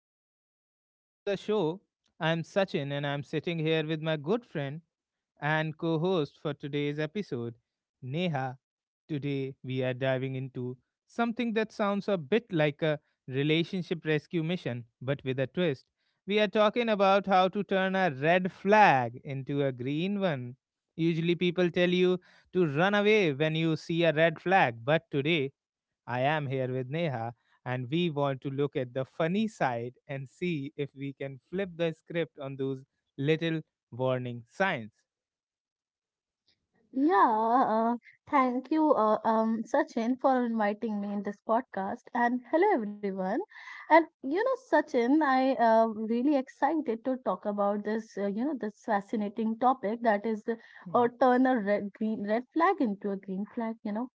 everyone, and welcome to the show. I'm Sachin, and I'm sitting here with my good friend, and co host for today's episode, Neha. Today, we are diving into something that sounds a bit like a relationship rescue mission, but with a twist. We are talking about how to turn a red flag into a green one. Usually, people tell you to run away when you see a red flag, but today, I am here with Neha, and we want to look at the funny side and see if we can flip the script on those little warning signs. Yeah, uh, thank you, Sachin, for inviting me in this podcast. And hello, everyone. And you know, Sachin, I really excited to talk about this. You know, this fascinating topic or Hmm. turn a red green red flag into a green flag. You know,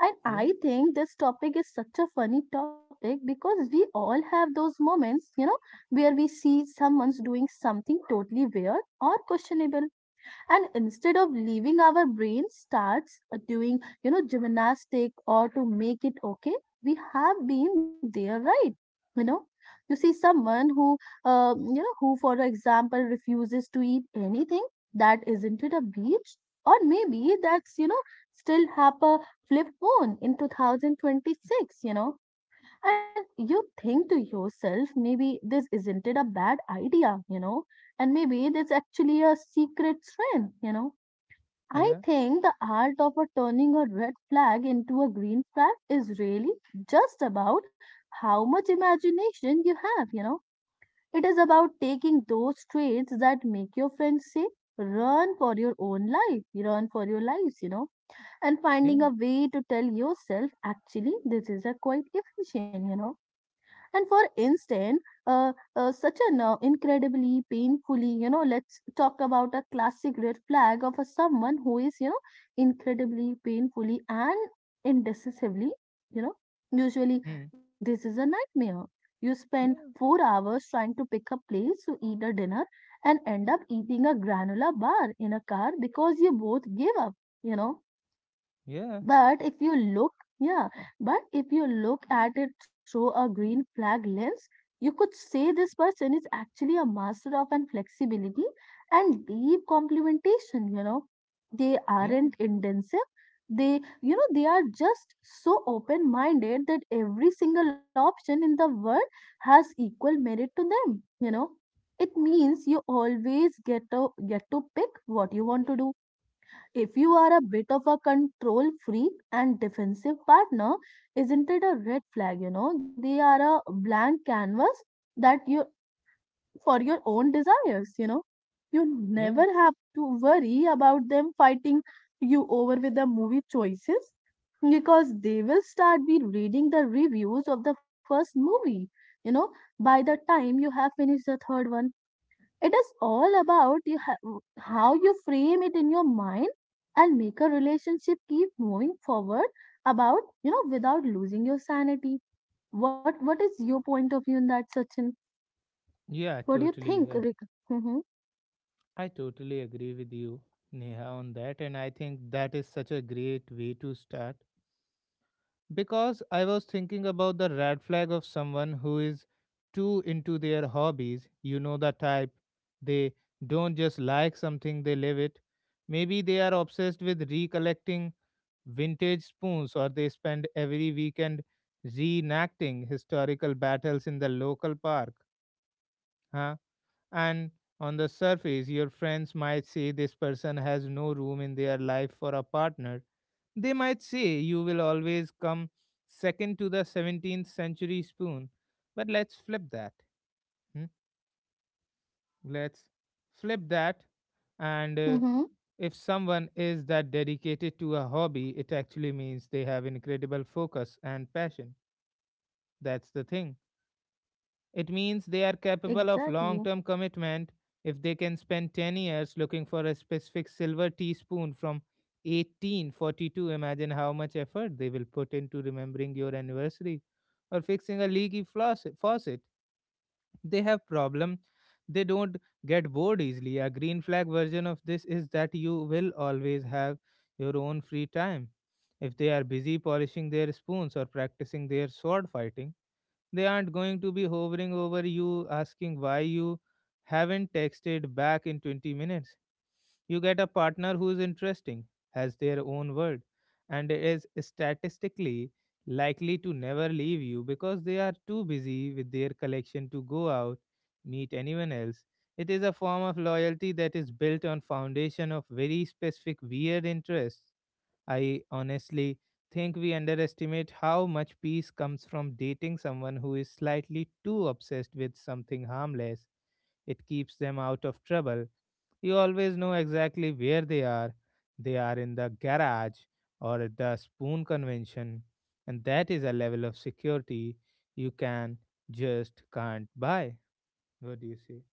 and Yeah, I think this topic is such a funny topic because we all have those moments. You know, where we see someone's doing something totally weird or questionable, and instead of leaving our brain starts doing, you know, gymnastic or to make it okay. We have been there, right? You know, you see someone who, you know, who for example refuses to eat anything that isn't it a beach, or maybe that's, you know, still have a flip phone in 2026, you know. And you think to yourself, maybe this isn't it a bad idea, you know, and maybe that's actually a secret strength, you know. I yeah, think the art of a turning a red flag into a green flag is really just about how much imagination you have, you know. It is about taking those traits that make your friends say, run for your own life, run for your lives, you know, and finding a yeah, way to tell yourself, actually, this is a quite efficient, you know. And for instance, uh, such an incredibly painfully, you know, let's talk about a classic red flag of a someone who is, you know, incredibly painfully and indecisively, you know. Usually mm, this is a nightmare. You spend yeah, 4 hours trying to pick a place to eat a dinner and end up eating a granola bar in a car because you both gave up, you know. yeah, But if you look, Yeah, but if you look at it through a green flag lens, you could say this person is actually a master of an flexibility and deep complementation, you know. They yeah, aren't intensive. They, you know, they are just so open-minded that every single option in the world has equal merit to them, you know. It means you always get to pick what you want to do. If you are a bit of a control freak and defensive partner, isn't it a red flag? You know, they are a blank canvas that you for your own desires, you know. You yeah, never have to worry about them fighting you over with the movie choices because they will start be reading the reviews of the first movie, you know, by the time you have finished the third one. It is all about how you frame it in your mind and make a relationship keep moving forward about, you know, without losing your sanity. What is your point of view in that, Sachin? yeah, What do you totally. think, Yeah. Rick? Mm-hmm. I totally agree with you, Neha, on that. And I think that is such a great way to start. Because I was thinking about the red flag of someone who is too into their hobbies. You know the type. They don't just like something, they live it. Maybe they are obsessed with recollecting vintage spoons, or they spend every weekend reenacting historical battles in the local park. Huh? And on the surface, your friends might say this person has no room in their life for a partner. They might say you will always come second to the 17th century spoon. But let's flip that. Hmm? Let's flip that. And Mm-hmm. if someone is that dedicated to a hobby, it actually means they have incredible focus and passion. That's the thing. It means they are capable of Exactly. long term commitment if they can spend 10 years looking for a specific silver teaspoon from 1842. Imagine how much effort they will put into remembering your anniversary or fixing a leaky faucet. They have problem. They don't get bored easily. A green flag version of this is that you will always have your own free time. If they are busy polishing their spoons or practicing their sword fighting, they aren't going to be hovering over you asking why you haven't texted back in 20 minutes. You get a partner who is interesting, has their own world, and is statistically likely to never leave you because they are too busy with their collection to go out, meet anyone else. It is a form of loyalty that is built on foundation of very specific weird interests. I honestly think we underestimate how much peace comes from dating someone who is slightly too obsessed with something harmless. It keeps them out of trouble. You always know exactly where they are. They are in the garage or at the spoon convention, and that is a level of security you can just can't buy. What do you say?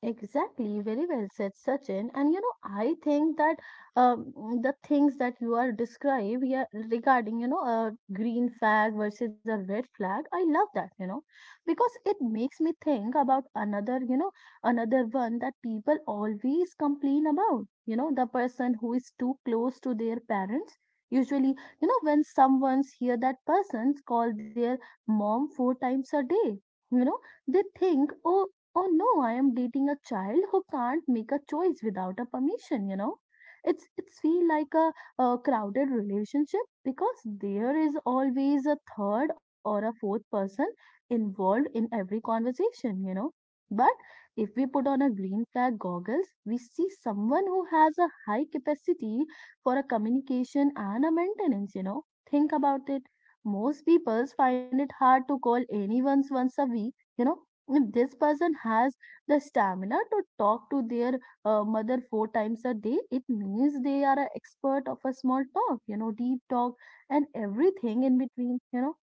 Exactly, very well said, Sachin. And you know, I think that um, the things that you are described, yeah, regarding, you know, a green flag versus a red flag, I love that, you know, because it makes me think about another, you know, another one that people always complain about, you know, the person who is too close to their parents. Usually, you know, when someone's hear that person's call their mom 4 times a day, you know, they think, oh, oh no, I am dating a child who can't make a choice without a permission, you know. It's feel like a crowded relationship because there is always a third or a fourth person involved in every conversation, you know. But if we put on a green flag goggles, we see someone who has a high capacity for a communication and a maintenance, you know. Think about it, most people find it hard to call anyone once a week, you know. If this person has the stamina to talk to their mother 4 times a day, it means they are an expert of a small talk, you know, deep talk and everything in between, you know.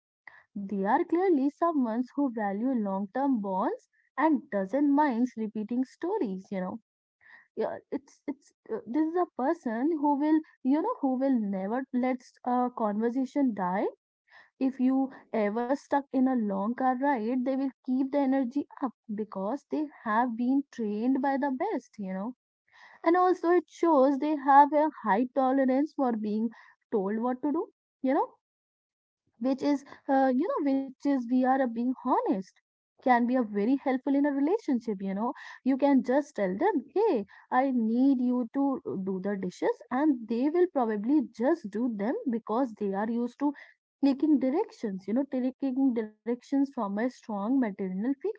They are clearly someone who value long term bonds and doesn't mind repeating stories, you know. Yeah, it's this is a person who will, you know, who will never let a conversation die. If you ever stuck in a long car ride, they will keep the energy up because they have been trained by the best, you know. And also, it shows they have a high tolerance for being told what to do, you know, which is you know, which is, we are being honest, can be a very helpful in a relationship, you know. You can just tell them, hey, I need you to do the dishes, and they will probably just do them because they are used to taking directions from a strong maternal figure.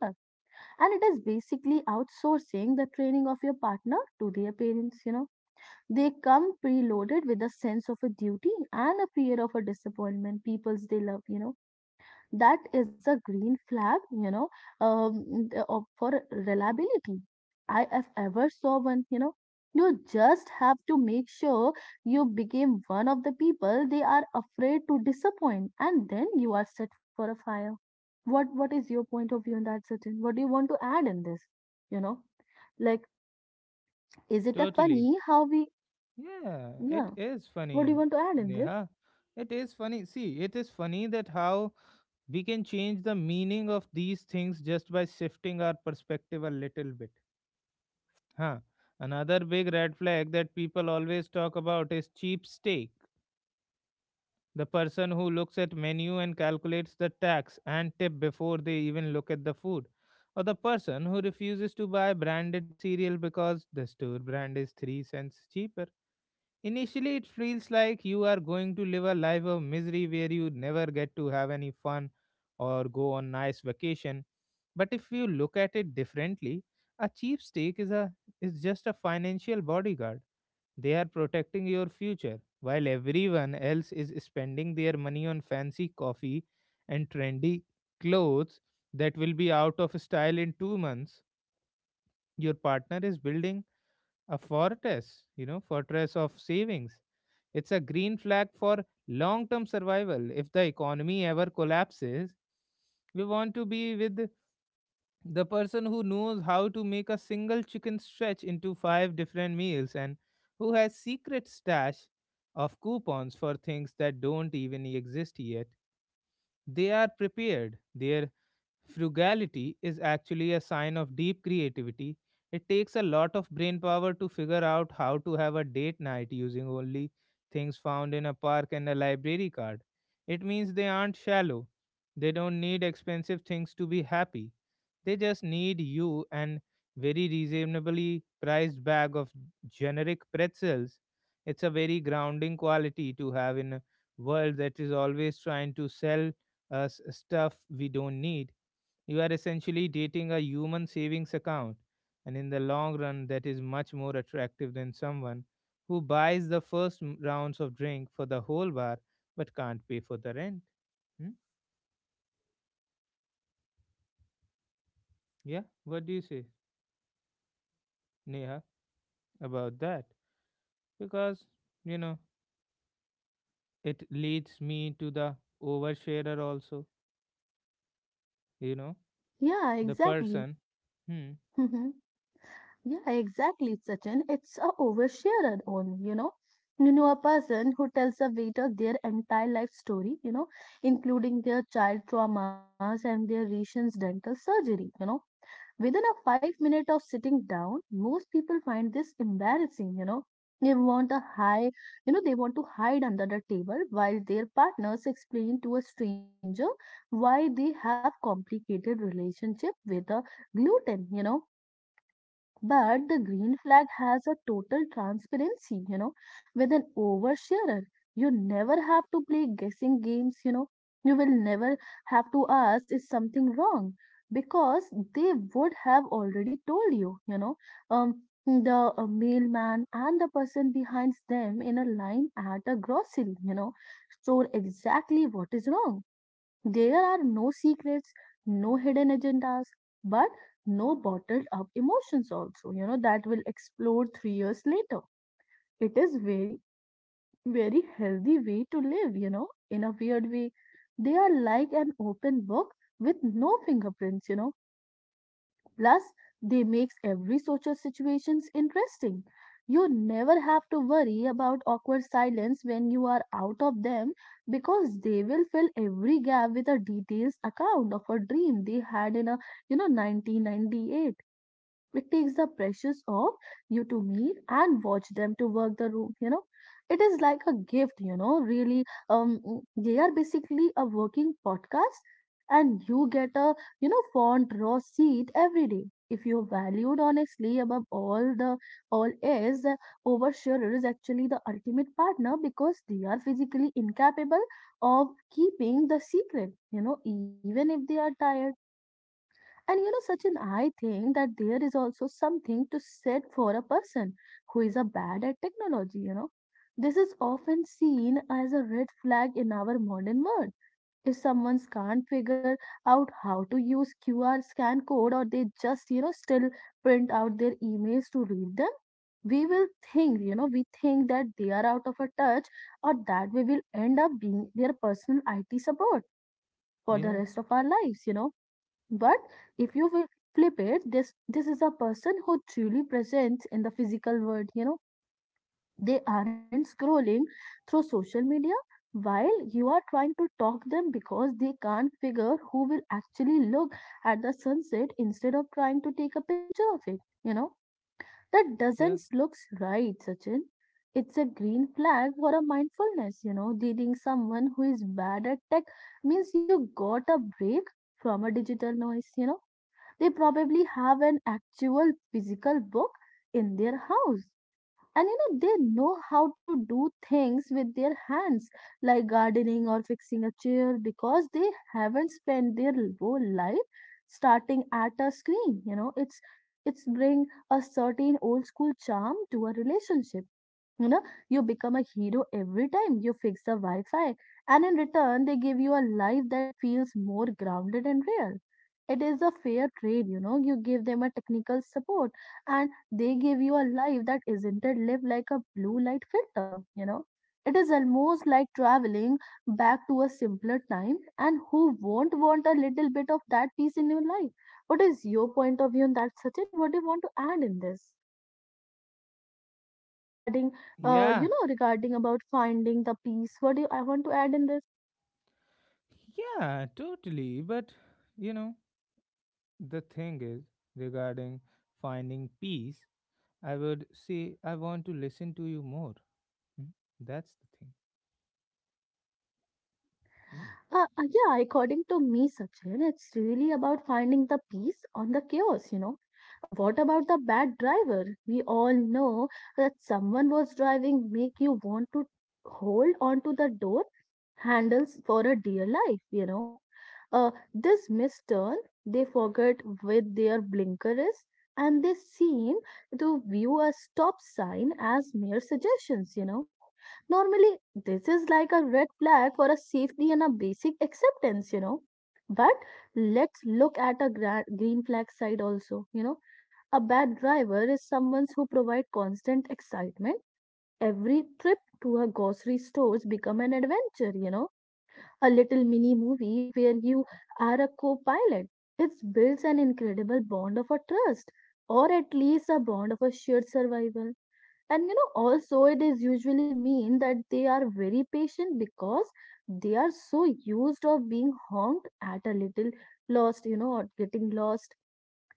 And it is basically outsourcing the training of your partner to their parents, you know. They come preloaded with a sense of a duty and a fear of a disappointment peoples they love, you know. That is a green flag, you know, um, for reliability. I have ever saw one, you know. You just have to make sure you became one of the people they are afraid to disappoint, and then you are set for a fire. What is your point of view in that, Sachin? What do you want to add in this? You know, like, is it a Totally. funny how we? Yeah, Yeah. it is What do you want to funny, add in this? Neha. It is funny. See, it is funny that how we can change the meaning of these things just by shifting our perspective a little bit. Huh. Another big red flag that people always talk about is cheap steak. The person who looks at menu and calculates the tax and tip before they even look at the food. Or the person who refuses to buy branded cereal because the store brand is 3¢ cheaper. Initially, it feels like you are going to live a life of misery where you never get to have any fun or go on nice vacation. But if you look at it differently, a cheap steak is a is just a financial bodyguard. They are protecting your future while everyone else is spending their money on fancy coffee and trendy clothes that will be out of style in 2 months. Your partner is building a fortress, you know, fortress of savings. It's a green flag for long term survival. If the economy ever collapses, we want to be with the person who knows how to make a single chicken stretch into five different meals, and who has secret stash of coupons for things that don't even exist yet. They are prepared. Their frugality is actually a sign of deep creativity. It takes a lot of brain power to figure out how to have a date night using only things found in a park and a library card. It means they aren't shallow. They don't need expensive things to be happy. They just need you and very reasonably priced bag of generic pretzels. It's a very grounding quality to have in a world that is always trying to sell us stuff we don't need. You are essentially dating a human savings account, and in the long run, that is much more attractive than someone who buys the first rounds of drink for the whole bar but can't pay for the rent. Hmm? Yeah, what do you say, Neha, about that? Because, you know, it leads me to the oversharer also, you know, Yeah, the exactly. person. Hmm. Yeah, exactly, Sachin. It's a oversharer only, you know. You know, a person who tells a waiter their entire life story, you know, including their child traumas and their recent dental surgery, you know. Within a 5 minute of sitting down, most people find this embarrassing, you know. They want a high, you know, they want to hide under the table while their partners explain to a stranger why they have complicated relationship with a gluten, you know. But the green flag has a total transparency, you know, with an oversharer. You never have to play guessing games, you know. You will never have to ask is something wrong, because they would have already told you, you know. The mailman and the person behind them in a line at a grocery, you know, store exactly what is wrong. There are no secrets, no hidden agendas, but no bottled up emotions also, you know, that will explode 3 years later. It is very, very healthy way to live, you know, in a weird way. They are like an open book with no fingerprints, you know. Plus, they makes every social situations interesting. You never have to worry about awkward silence when you are out of them because they will fill every gap with a detailed account of a dream they had in a, you know, 1998. It takes the pressures off you to meet and watch them to work the room, you know. It is like a gift, you know, really. They are basically a working podcast, and you get a, you know, font raw seat every day. If you valued honestly above all the all is the oversharer is actually the ultimate partner because they are physically incapable of keeping the secret, you know, even if they are tired. And you know, Sachin, I think that there is also something to said for a person who is a bad at technology, you know. This is often seen as a red flag in our modern world. If someone can't figure out how to use QR scan code, or they just, you know, still print out their emails to read them, we will think, you know, we think that they are out of a touch or that we will end up being their personal IT support for the Yeah, rest of our lives, you know. But if you will flip it, this is a person who truly presents in the physical world, you know. They aren't scrolling through social media while you are trying to talk them because they can't figure who will actually look at the sunset instead of trying to take a picture of it, you know. That doesn't yeah, looks right, Sachin. It's a green flag for a mindfulness, you know. Dating someone who is bad at tech means you got a break from a digital noise, you know. They probably have an actual physical book in their house. And you know, they know how to do things with their hands, like gardening or fixing a chair, because they haven't spent their whole life starting at a screen. You know, it's bring a certain old school charm to a relationship, you know, you become a hero every time you fix the Wi Fi, and in return, they give you a life that feels more grounded and real. It is a fair trade, you know. You give them a technical support, and they give you a life that isn't it lived like a blue light filter, you know. It is almost like traveling back to a simpler time, and who won't want a little bit of that peace in your life? What is your point of view on that, Sachin? What do you want to add in this? Regarding yeah, you know, regarding about finding the peace, what do you, I want to add in this. yeah, totally. But, you know, The thing is, regarding finding peace, I would say I want to listen to you more. Mm, that's the thing. Mm, Yeah, according to me, Sachin, it's really about finding the peace on the chaos, you know. What about the bad driver? We all know that someone was driving make you want to hold onto the door handles for a dear life, you know. This misturn, they forget with their blinkers, and they seem to view a stop sign as mere suggestions, you know. Normally, this is like a red flag for a safety and a basic acceptance, you know. But let's look at a green flag side also, you know. A bad driver is someone who provides constant excitement. Every trip to a grocery stores become an adventure, you know. A little mini movie where you are a co-pilot. It builds an incredible bond of a trust, or at least a bond of a shared survival, and you know, also it is usually mean that they are very patient because they are so used of being honked at, a little lost, you know, or getting lost.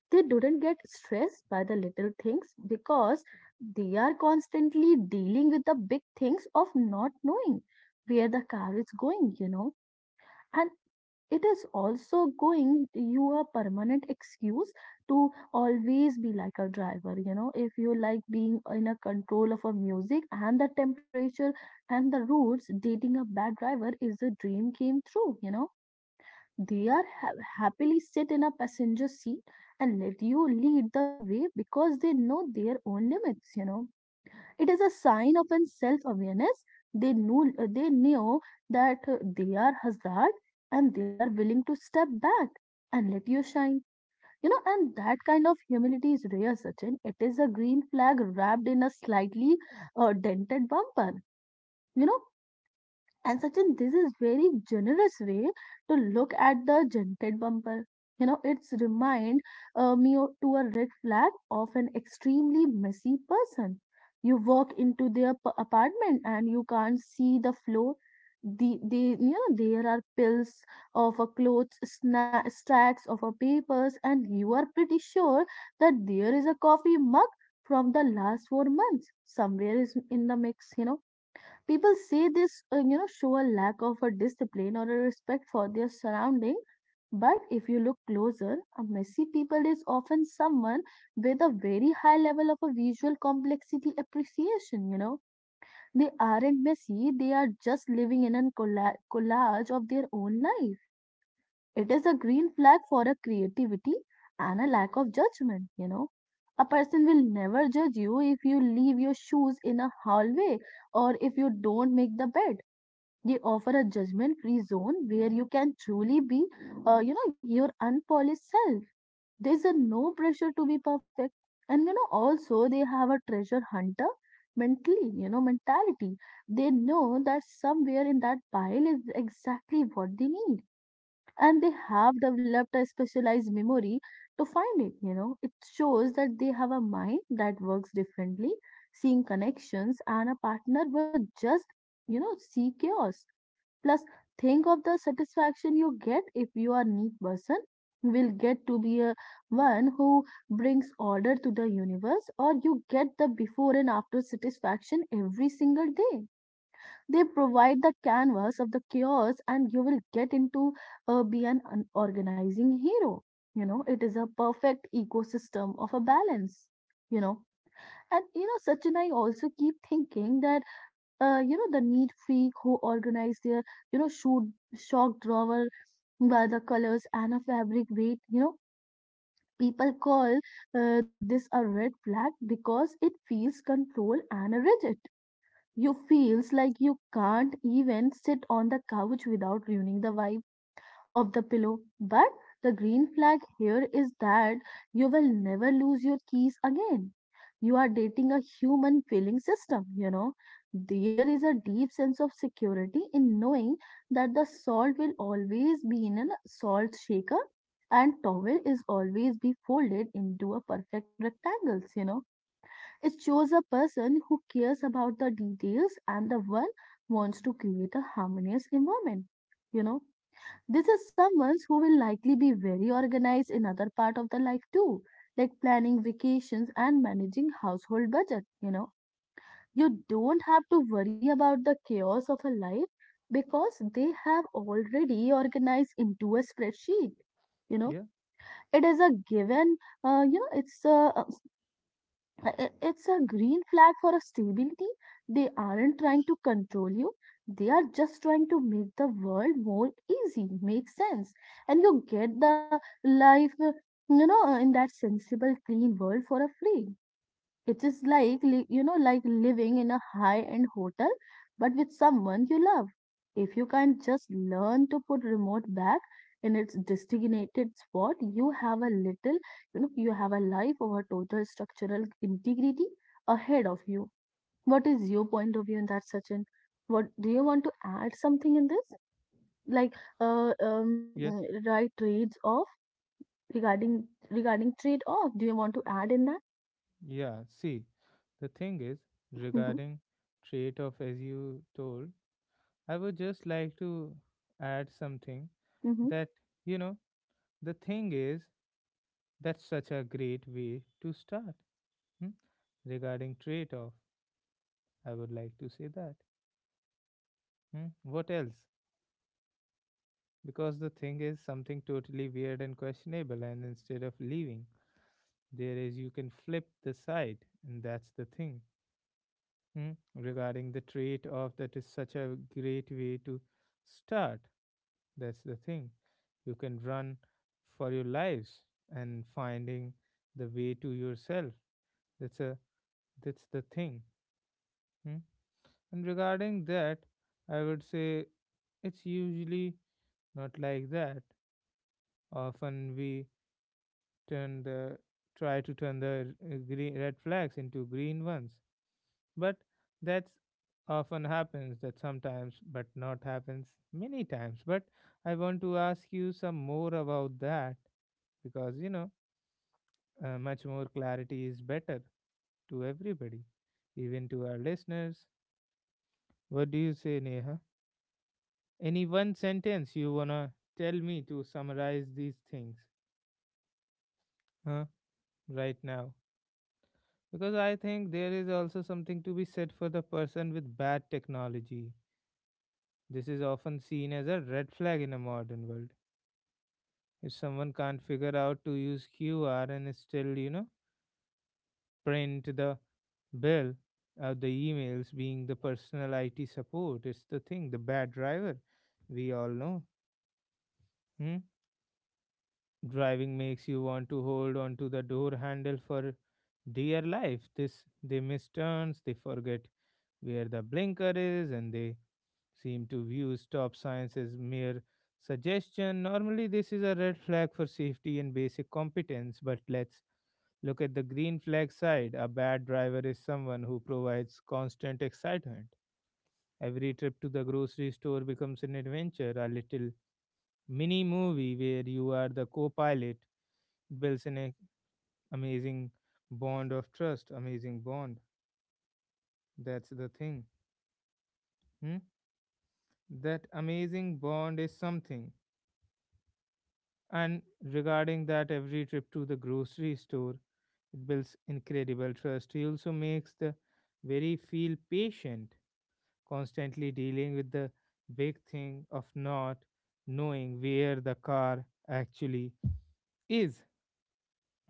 They didn't get stressed by the little things because they are constantly dealing with the big things of not knowing where the car is going, you know. And it is also going you a permanent excuse to always be like a driver, you know. If you like being in a control of a music and the temperature and the routes, dating a bad driver is a dream came true, you know. They are happily sit in a passenger seat and let you lead the way because they know their own limits, you know. It is a sign of an self-awareness. They knew that they are hazard, and they are willing to step back and let you shine. You know, and that kind of humility is rare, Sachin. It is a green flag wrapped in a slightly dented bumper. You know, and Sachin, this is very generous way to look at the dented bumper. You know, it's remind me to a red flag of an extremely messy person. You walk into their apartment, and you can't see the floor. They, you know, there are pills of a clothes, stacks of a papers, and you are pretty sure that there is a coffee mug from the last 4 months somewhere is in the mix, you know. People say this, you know, show a lack of a discipline or a respect for their surrounding. But if you look closer, a messy people is often someone with a very high level of a visual complexity appreciation, you know. They aren't messy, they are just living in a collage of their own life. It is a green flag for a creativity and a lack of judgment, you know. A person will never judge you if you leave your shoes in a hallway or if you don't make the bed. They offer a judgment-free zone where you can truly be, you know, your unpolished self. There's a no pressure to be perfect, and you know, also they have a treasure hunter mentally, you know, mentality. They know that somewhere in that pile is exactly what they need, and they have developed a specialized memory to find it. You know, it shows that they have a mind that works differently, seeing connections, and a partner will just, you know, see chaos. Plus, think of the satisfaction you get. If you are neat person, will get to be a one who brings order to the universe, or you get the before and after satisfaction every single day. They provide the canvas of the chaos, and you will get into, be an organizing hero, you know. It is a perfect ecosystem of a balance, you know. And you know, Sachin, I also keep thinking that you know, the neat freak who organized their, you know, shoot shock drawer by the colors and a fabric weight. You know, people call this a red flag because it feels control and rigid. You feels like you can't even sit on the couch without ruining the vibe of the pillow. But the green flag here is that you will never lose your keys again. You are dating a human feeling system, you know. There is a deep sense of security in knowing that the salt will always be in a salt shaker and towel is always be folded into a perfect rectangles, you know. It shows a person who cares about the details and the one wants to create a harmonious environment, you know. This is someone who will likely be very organized in other part of the life too, like planning vacations and managing household budget, you know. You don't have to worry about the chaos of a life because they have already organized into a spreadsheet. You know, yeah, it is a given, you know, it's a green flag for a stability. They aren't trying to control you. They are just trying to make the world more easy, make sense. And you get the life, you know, in that sensible, clean world for a free. It is like, you know, like living in a high end hotel, but with someone you love. If you can't just learn to put remote back in its designated spot, you have a little, you know, you have a life or a total structural integrity ahead of you. What is your point of view in that, Sachin? What do you want to add something in this? Like, yeah, right trades off. Regarding regarding trade off. Do you want to add in that? yeah. See, the thing is, Mm-hmm, regarding trait of as you told, I would just like to add something mm-hmm, that, you know, the thing is, that's such a great way to start. Mm, regarding trait of, I would like to say that. Mm, what else? Because the thing is something totally weird and questionable, and instead of leaving, there is you can flip the side, and that's the thing. Hmm? Regarding the trade off, that is such a great way to start. That's the thing. You can run for your lives and finding the way to yourself. That's a that's the thing. Hmm? And regarding that, I would say it's usually not like that. Often we turn the try to turn the r- green red flags into green ones. But that's often happens that sometimes, but not happens many times. But I want to ask you some more about that, because much more clarity is better to everybody, even to our listeners. What do you say, Neha? Any one sentence you wanna tell me to summarize these things? Huh, right now? Because I think there is also something to be said for the person with bad technology. This is often seen as a red flag in a modern world. If someone can't figure out to use QR and still, you know, print the bill the emails being the personal IT support, it's the thing, the bad driver. We all know. Hmm? Driving makes you want to hold on to the door handle for dear life. This they miss turns, they forget where the blinker is, and they seem to view stop signs as mere suggestion. Normally, this is a red flag for safety and basic competence, but let's look at the green flag side. A bad driver is someone who provides constant excitement. Every trip to the grocery store becomes an adventure, a little mini movie where you are the co pilot. Builds an amazing bond of trust, amazing bond. That's the thing. Hmm? That amazing bond is something. And regarding that, every trip to the grocery store, it builds incredible trust. He also makes the very feel patient, constantly dealing with the big thing of not knowing where the car actually is.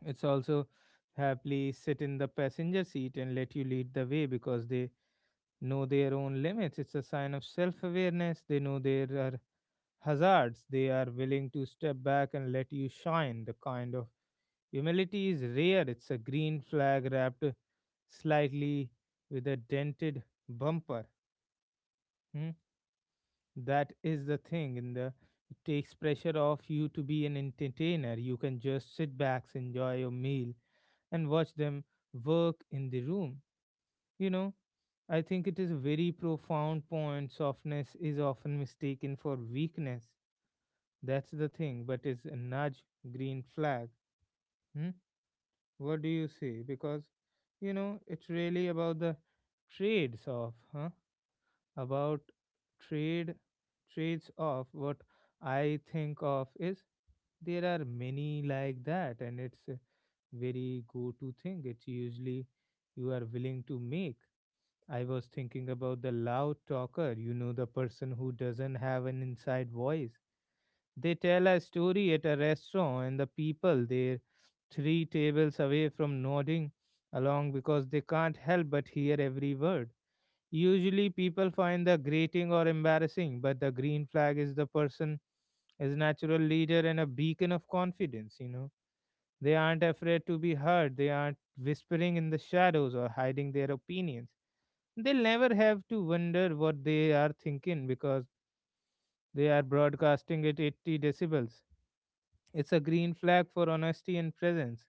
It's also happily sit in the passenger seat and let you lead the way because they know their own limits. It's a sign of self awareness. They know there are hazards. They are willing to step back and let you shine. The kind of humility is rare. It's a green flag wrapped slightly with a dented bumper. Hmm? That is the thing. In the it takes pressure off you to be an entertainer. You can just sit back, enjoy your meal, and watch them work in the room. You know, I think it is a very profound point. Softness is often mistaken for weakness. That's the thing, but it's a nudge, green flag. Hmm? What do you say? Because you know it's really about the trades of, huh? About trade trades of what I think of is there are many like that, and it's a very go-to thing. It's usually you are willing to make. I was thinking about the loud talker, you know, the person who doesn't have an inside voice. They tell a story at a restaurant, and the people there, three tables away from nodding along because they can't help but hear every word. Usually, people find the grating or embarrassing, but the green flag is the person is natural leader and a beacon of confidence. You know, they aren't afraid to be heard. They aren't whispering in the shadows or hiding their opinions. They'll never have to wonder what they are thinking because they are broadcasting at 80 decibels. It's a green flag for honesty and presence.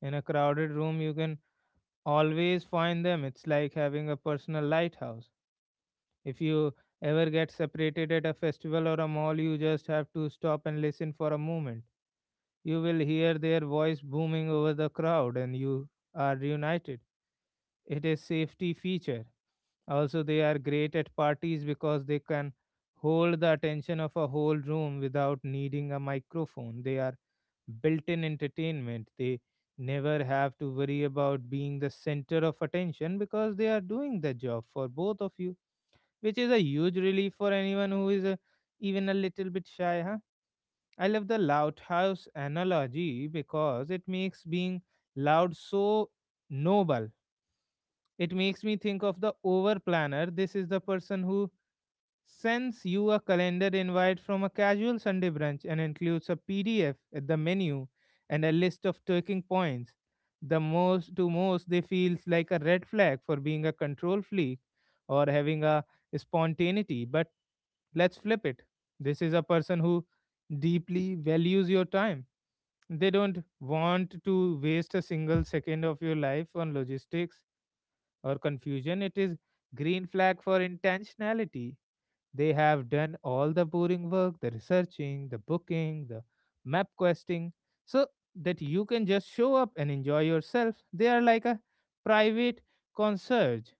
In a crowded room, you can always find them. It's like having a personal lighthouse. If you ever get separated at a festival or a mall, you just have to stop and listen for a moment. You will hear their voice booming over the crowd and you are reunited. It is safety feature also, they are great at parties because they can hold the attention of a whole room without needing a microphone. They are built in entertainment. They never have to worry about being the center of attention because they are doing the job for both of you, which is a huge relief for anyone who is a, even a little bit shy. Huh? I love the loudhouse analogy because it makes being loud so noble. It makes me think of the over planner. This is the person who sends you a calendar invite from a casual Sunday brunch and includes a PDF, at the menu, and a list of talking points. The most to most, they feels like a red flag for being a control freak or having a spontaneity. But let's flip it. This is a person who deeply values your time. They don't want to waste a single second of your life on logistics or confusion. It is green flag for intentionality. They have done all the boring work, the researching, the booking, the map questing, so that you can just show up and enjoy yourself. They are like a private concierge.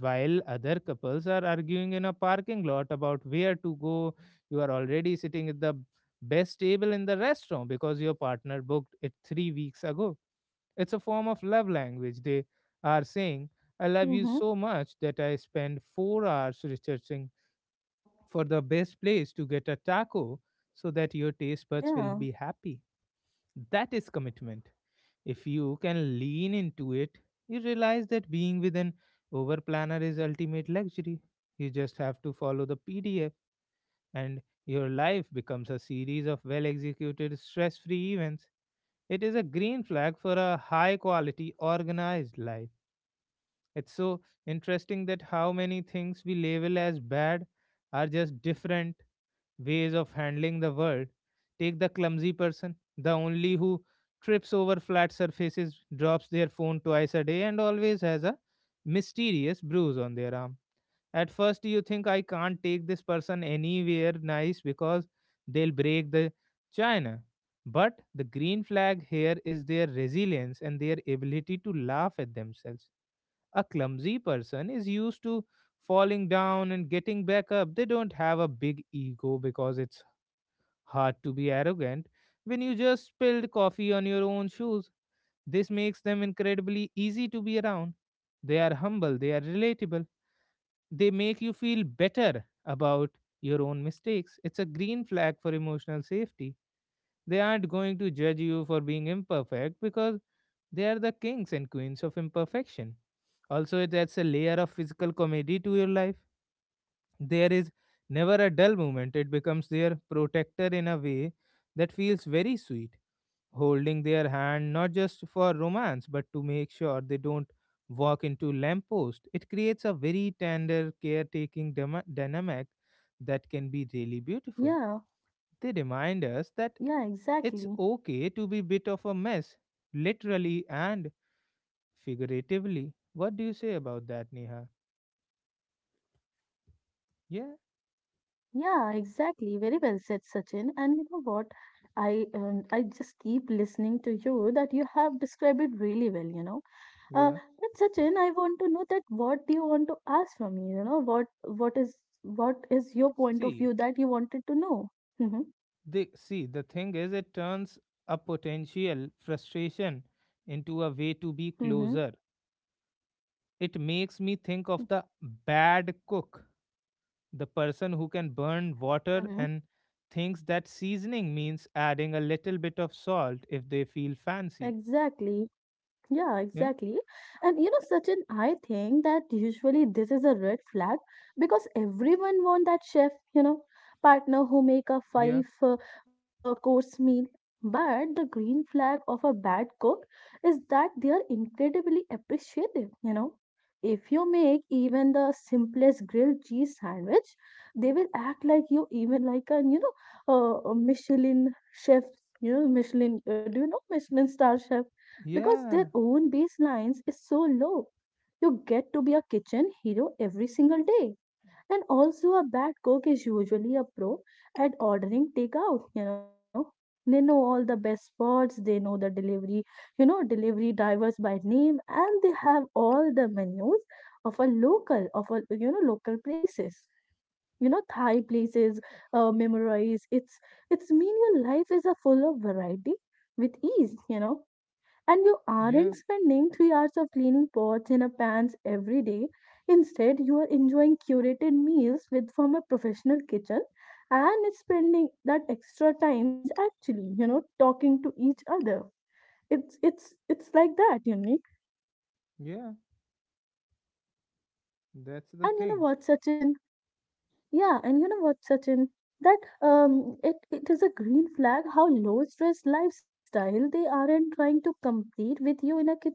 While other couples are arguing in a parking lot about where to go, you are already sitting at the best table in the restaurant because your partner booked it 3 weeks ago. It's a form of love language. They are saying, I love you mm-hmm. so much that I spend 4 hours researching for the best place to get a taco so that your taste buds will Yeah. be happy. That is commitment. If you can lean into it, you realize that being with an over planner is ultimate luxury. You just have to follow the PDF and your life becomes a series of well executed stress free events. It is a green flag for a high quality organized life. It's so interesting that how many things we label as bad are just different ways of handling the world. Take the clumsy person, the only who trips over flat surfaces, drops their phone twice a day, and always has a mysterious bruise on their arm. At first, you think I can't take this person anywhere nice because they'll break the china. But the green flag here is their resilience and their ability to laugh at themselves. A clumsy person is used to falling down and getting back up. They don't have a big ego because it's hard to be arrogant when you just spilled coffee on your own shoes. This makes them incredibly easy to be around. They are humble, they are relatable, they make you feel better about your own mistakes. It's a green flag for emotional safety. They aren't going to judge you for being imperfect because they are the kings and queens of imperfection. Also, it adds a layer of physical comedy to your life. There is never a dull moment, it becomes their protector in a way that feels very sweet, holding their hand not just for romance but to make sure they don't walk into lamppost. It creates a very tender, caretaking dynamic that can be really beautiful. Yeah, They remind us that yeah, exactly. it's okay to be bit of a mess, literally and figuratively. What do you say about that, Neha? Yeah, Yeah, exactly. Very well said, Sachin. And you know what? I just keep listening to you that you have described it really well, you know. Yeah. But Sachin, I want to know that what do you want to ask from me? You know, what is what is your point of See, view that you wanted to know? Mm-hmm. See the thing is, it turns a potential frustration into a way to be Mm-hmm. closer. It makes me think of the bad cook, the person who can burn water Mm-hmm. and thinks that seasoning means adding a little bit of salt if they feel fancy. Exactly. Yeah, You know? exactly. And you know, Sachin, I think that usually this is a red flag because everyone wants that chef, you know, partner who make a Yeah. five course meal. But the green flag of a bad cook is that they are incredibly appreciative, you know. If you make even the simplest grilled cheese sandwich, they will act like you even like a, you know, a Michelin chef, you know, Michelin, do you know Michelin star chef? Because their Yeah. own baselines is so low. You get to be a kitchen hero every single day. And also, a bad cook is usually a pro at ordering takeout, you know. They know all the best spots, they know the delivery, you know, delivery drivers by name, and they have all the menus of a local, of a, you know, local places. You know, Thai places, memorize. It's mean your life is a full of variety with ease, you know, and you Yeah. aren't spending 3 hours of cleaning pots and a pans every day. Instead, you are enjoying curated meals with from a professional kitchen, and it's spending that extra times actually, you know, talking to each other. It's like that, unique. Yeah. That's the And you thing. know what's such an. Yeah, and you know what, Sachin? That it is a green flag how low stress lifestyle. They aren't trying to compete with you in a kitchen.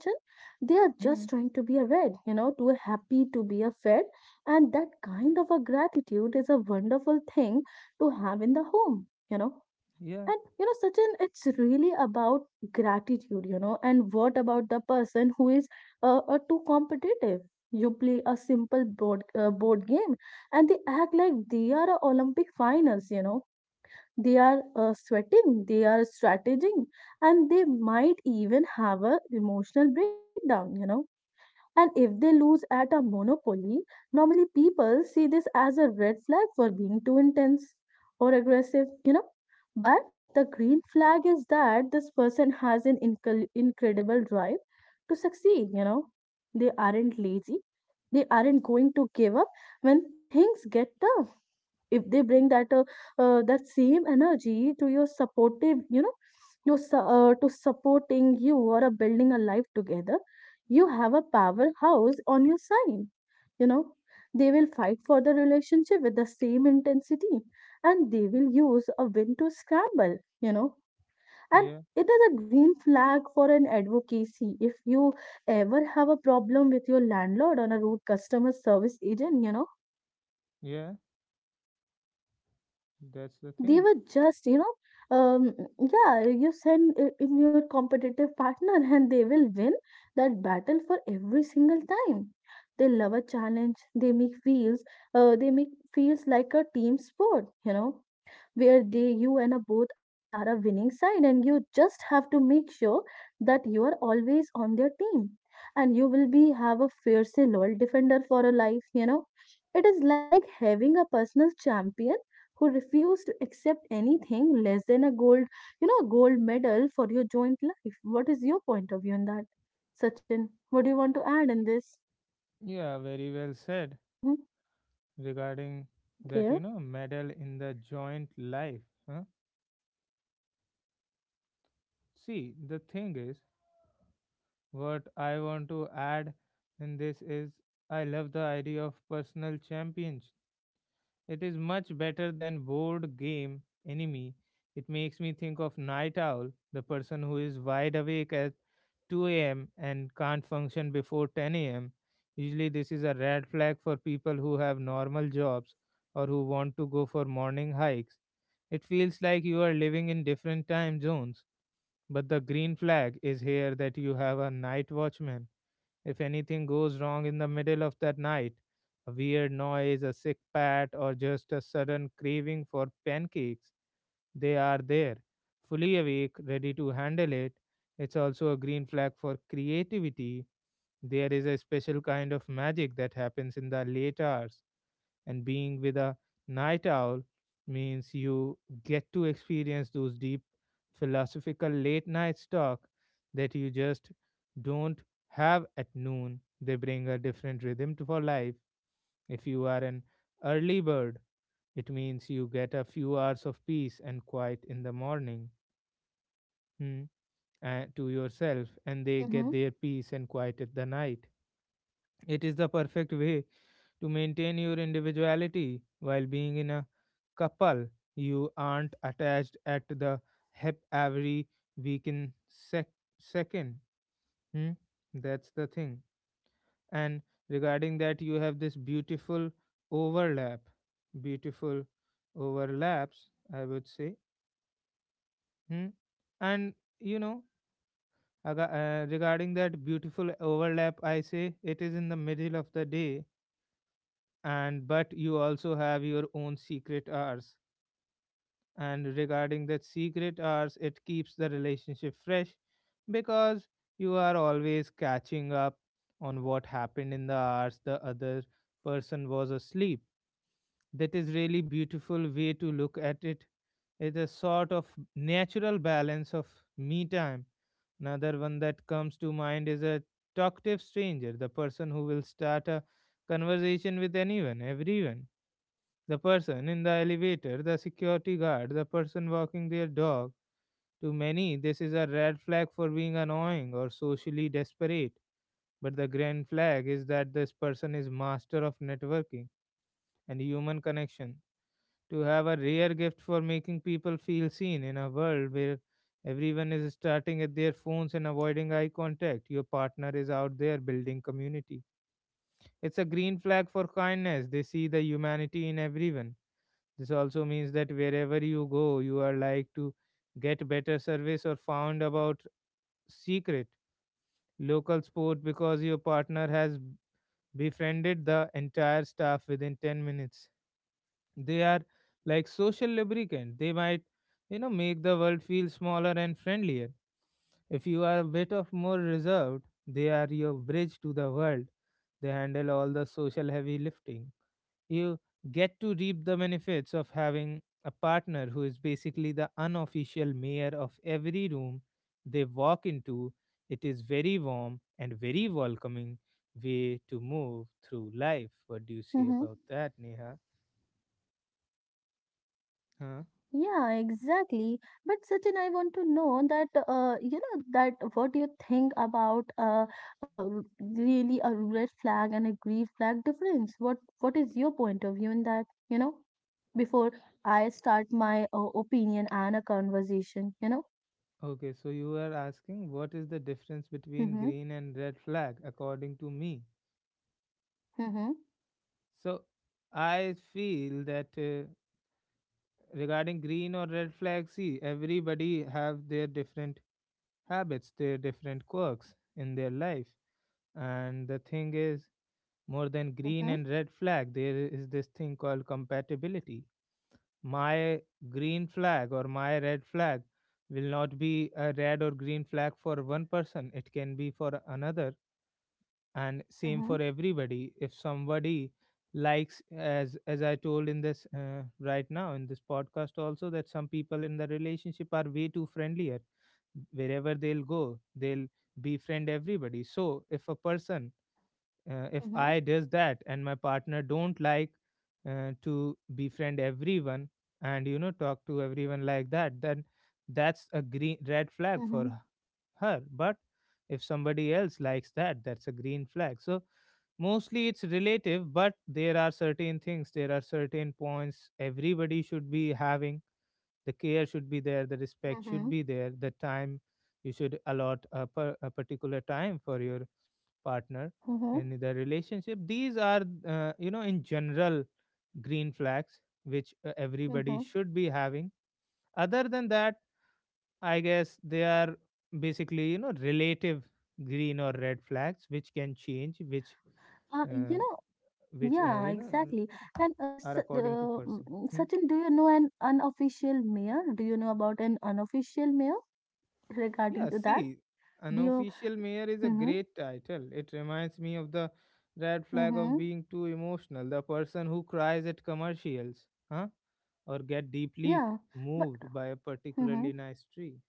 They are just Mm, trying to be a red, you know, to a happy, to be a fed. And that kind of a gratitude is a wonderful thing to have in the home, you know. yeah. And you know, Sachin, it's really about gratitude, you know. And what about the person who is too competitive? You play a simple board game, and they act like they are a Olympic finals, you know. They are sweating, they are strategizing, and they might even have a emotional breakdown, you know. And if they lose at a monopoly, normally people see this as a red flag for being too intense or aggressive, you know. But the green flag is that this person has an incredible drive to succeed, you know. They aren't lazy, they aren't going to give up when things get tough if they bring that same energy to your supportive to supporting you or building a life together, you have a powerhouse on your side, you know. They will fight for the relationship with the same intensity, and they will use a win to scramble, you know. And Yeah, it is a green flag for an advocacy if you ever have a problem with your landlord or a rude customer service agent, you know. yeah, that's the They thing. were just yeah, you send in your competitive partner and they will win that battle for every single time. They love a challenge, they make feels, they make feels like a team sport, you know, where they you and a both are a winning side, and you just have to make sure that you are always on their team, and you will be have a fiercely loyal defender for a life, you know. It is like having a personal champion who refuse to accept anything less than a gold, gold medal for your joint life. What is your point of view on that, Sachin? What do you want to add in this? Yeah, very well said Mm-hmm. regarding that, Okay. you know, medal in the joint life. Huh? See, the thing is, what I want to add in this is I love the idea of personal champions. It is much better than board game enemy. It makes me think of night owl, the person who is wide awake at 2 a.m. and can't function before 10 a.m. Usually, this is a red flag for people who have normal jobs or who want to go for morning hikes. It feels like you are living in different time zones, but the green flag is here that you have a night watchman if anything goes wrong in the middle of that night, a weird noise, a sick pat, or just a sudden craving for pancakes, they are there, fully awake, ready to handle it. It's also a green flag for creativity. There is a special kind of magic that happens in the late hours and being with a night owl means you get to experience those deep philosophical late night talk that you just don't have at noon. They bring a different rhythm to for life. If you are an early bird, it means you get a few hours of peace and quiet in the morning, hmm, to yourself, and they get mm-hmm. their peace and quiet at the night. It is the perfect way to maintain your individuality while being in a couple. You aren't attached at the hip every weekend sec- second. Hmm? That's the thing. And regarding that, you have this beautiful overlap. Beautiful overlaps, I would say. Hmm? And you know, regarding that beautiful overlap, I say it is in the middle of the day and but you also have your own secret hours and regarding that secret hours it keeps the relationship fresh because you are always catching up on what happened in the hours the other person was asleep. That is really beautiful way to look at it. It is a sort of natural balance of me time. Another one that comes to mind is a talkative stranger, the person who will start a conversation with anyone everyone, the person in the elevator, the security guard, the person walking their dog. To many, this is a red flag for being annoying or socially desperate. But the grand flag is that this person is master of networking and human connection. To have a rare gift for making people feel seen in a world where everyone is starting at their phones and avoiding eye contact, your partner is out there building community. It's a green flag for kindness. They see the humanity in everyone. This also means that wherever you go, you are like to get better service or found about secret local sport because your partner has befriended the entire staff within 10 minutes. They are like social lubricant. They might, you know, make the world feel smaller and friendlier. If you are a bit of more reserved, they are your bridge to the world. They handle all the social heavy lifting. You get to reap the benefits of having a partner who is basically the unofficial mayor of every room they walk into. It is very warm and very welcoming way to move through life. What do you say about Mm-hmm. that, Neha? Huh? Yeah, exactly. But Sachin, I want to know that you know, that what you think about uh, really a red flag and a green flag difference. What is your point of view in that? You know, before I start my opinion and a conversation, you know. Okay, so you are asking what is the difference between Mm-hmm. green and red flag according to me? Mm-hmm. So I feel that regarding green or red flag, see everybody have their different habits, their different quirks in their life. And the thing is, more than green Mm-hmm. and red flag, there is this thing called compatibility. My green flag or my red flag will not be a red or green flag for one person, it can be for another and same Mm-hmm. for everybody if somebody likes as I told in this right now in this podcast also that some people in the relationship are way too friendlier wherever they'll go they'll befriend everybody. So if a person, if Mm-hmm. I does that and my partner don't like to befriend everyone and you know talk to everyone like that then that's a green red flag Mm-hmm. for her. But if somebody else likes that that's a green flag. So mostly it's relative, but there are certain things, there are certain points everybody should be having. The care should be there, the respect should Mm-hmm. be there, the time you should allot a, per, a particular time for your partner Mm-hmm. in the relationship. These are you know in general green flags which everybody Mm-hmm. should be having. Other than that I guess they are basically you know relative green or red flags which can change, uh, You know. which you Yeah, know exactly. And are according to person. Hmm? Sachin, do you know an unofficial mayor? Do you know about an unofficial mayor Yeah, regarding to that? see, Do you? unofficial mayor is a Mm-hmm. great title. It reminds me of the red flag of Mm-hmm. being too emotional, the person who cries at commercials, huh? Or get deeply Yeah, but moved by a particularly mm-hmm. nice tree.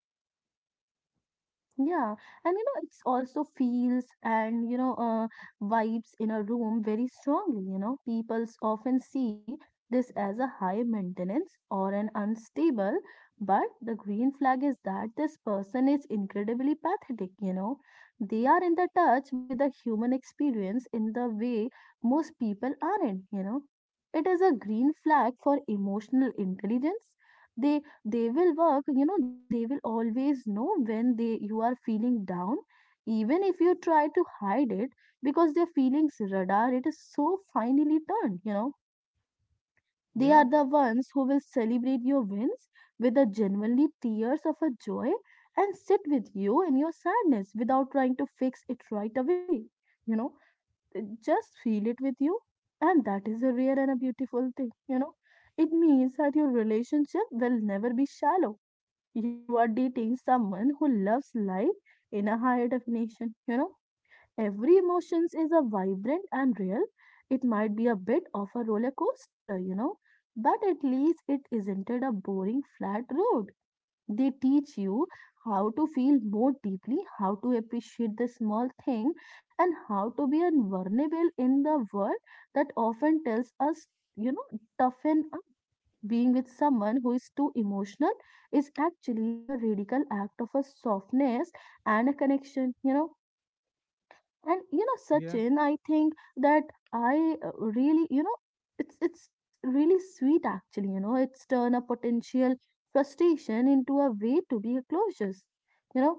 Yeah, and you know, it's also feels and you know, vibes in a room very strongly. You know, people often see this as a high maintenance or an unstable, but the green flag is that this person is incredibly pathetic. You know, they are in the touch with the human experience in the way most people aren't. You know, it is a green flag for emotional intelligence. They they will work, you know, they will always know when they you are feeling down, even if you try to hide it, because their feelings radar it is so finely turned, you know. They Yeah, are the ones who will celebrate your wins with the genuinely tears of a joy and sit with you in your sadness without trying to fix it right away, you know. They just feel it with you, and that is a rare and a beautiful thing, you know. It means that your relationship will never be shallow. You are dating someone who loves life in a higher definition. You know, every emotions is a vibrant and real. It might be a bit of a roller coaster, you know, but at least it isn't a boring flat road. They teach you how to feel more deeply, how to appreciate the small thing, and how to be vulnerable in the world that often tells us, you know, toughen. Being with someone who is too emotional is actually a radical act of a softness and a connection, you know. And you know, yeah, Sachin, I think that I, really, you know, it's really sweet actually, you know. It's turn a potential frustration into a way to be a closures, you know.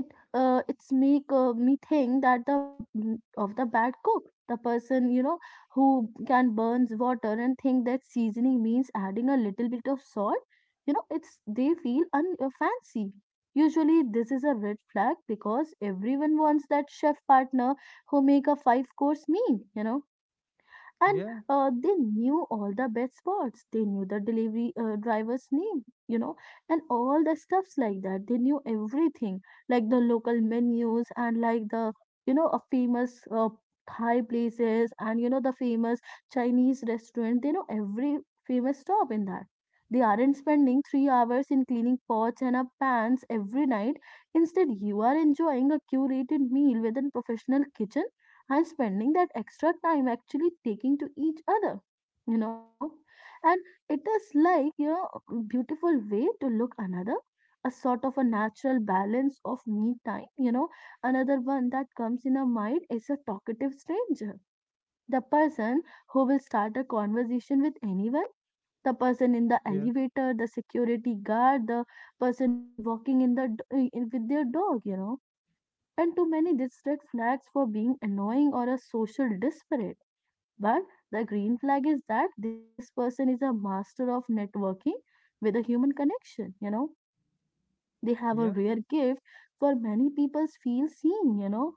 It, it's make me think that the of the bad cook, the person, you know, who can burns water and think that seasoning means adding a little bit of salt, you know. It's they feel fancy. Usually this is a red flag because everyone wants that chef partner who make a five course meal, you know. And yeah, they knew all the best spots, they knew the delivery driver's name, you know, and all the stuffs like that. They knew everything like the local menus and like the, you know, a famous thai places, and you know, the famous chinese restaurant. They know every famous stop in that. They aren't spending 3 hours in cleaning pots and up pans every night. Instead, you are enjoying a curated meal with a professional kitchen and spending that extra time actually taking to each other, you know. And it is like, you know, a beautiful way to look another, a sort of a natural balance of me time, you know. Another one that comes in our mind is a talkative stranger, the person who will start a conversation with anyone, the person in the yeah, elevator, the security guard, the person walking in with their dog, you know. And too many district flags for being annoying or a social disparate. But the green flag is that this person is a master of networking with a human connection, you know. They have a yeah, rare gift for many people feel seen, you know,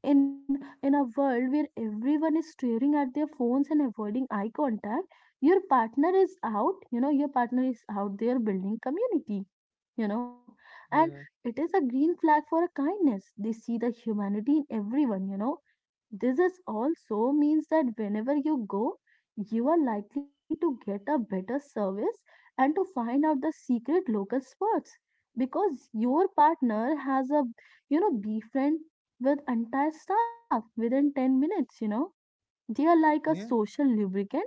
in a world where everyone is staring at their phones and avoiding eye contact. Your partner is out, your partner is out there building community, you know. And yeah, it is a green flag for a kindness. They see the humanity in everyone, you know. This is also means that whenever you go, you are likely to get a better service and to find out the secret local spots because your partner has a, you know, befriend with entire staff within 10 minutes, you know. They are like a yeah. social lubricant.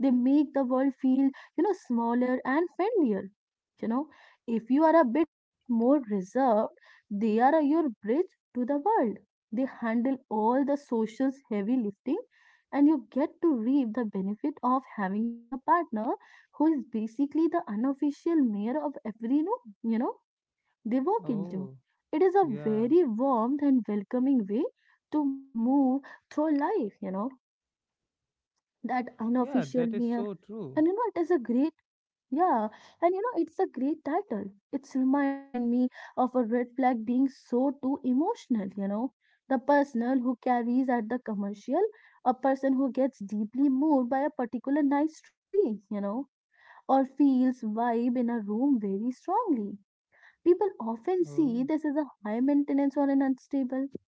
They make the world feel, you know, smaller and friendlier. You know, if you are a bit more reserved, they are your bridge to the world. They handle all the social's heavy lifting, and you get to reap the benefit of having a partner who is basically the unofficial mayor of every room, you know, they walk into. Oh, It is a yeah, very warm and welcoming way to move through life, you know, that yeah. unofficial That is mayor. so true. And you know, it is a great, yeah, and you know, it's a great title. It's remind me of a red flag being so too emotional, you know, the personal who carries at the commercial, a person who gets deeply moved by a particular nice tree, you know, or feels vibe in a room very strongly. People often see Oh, this as a high maintenance or an unstable,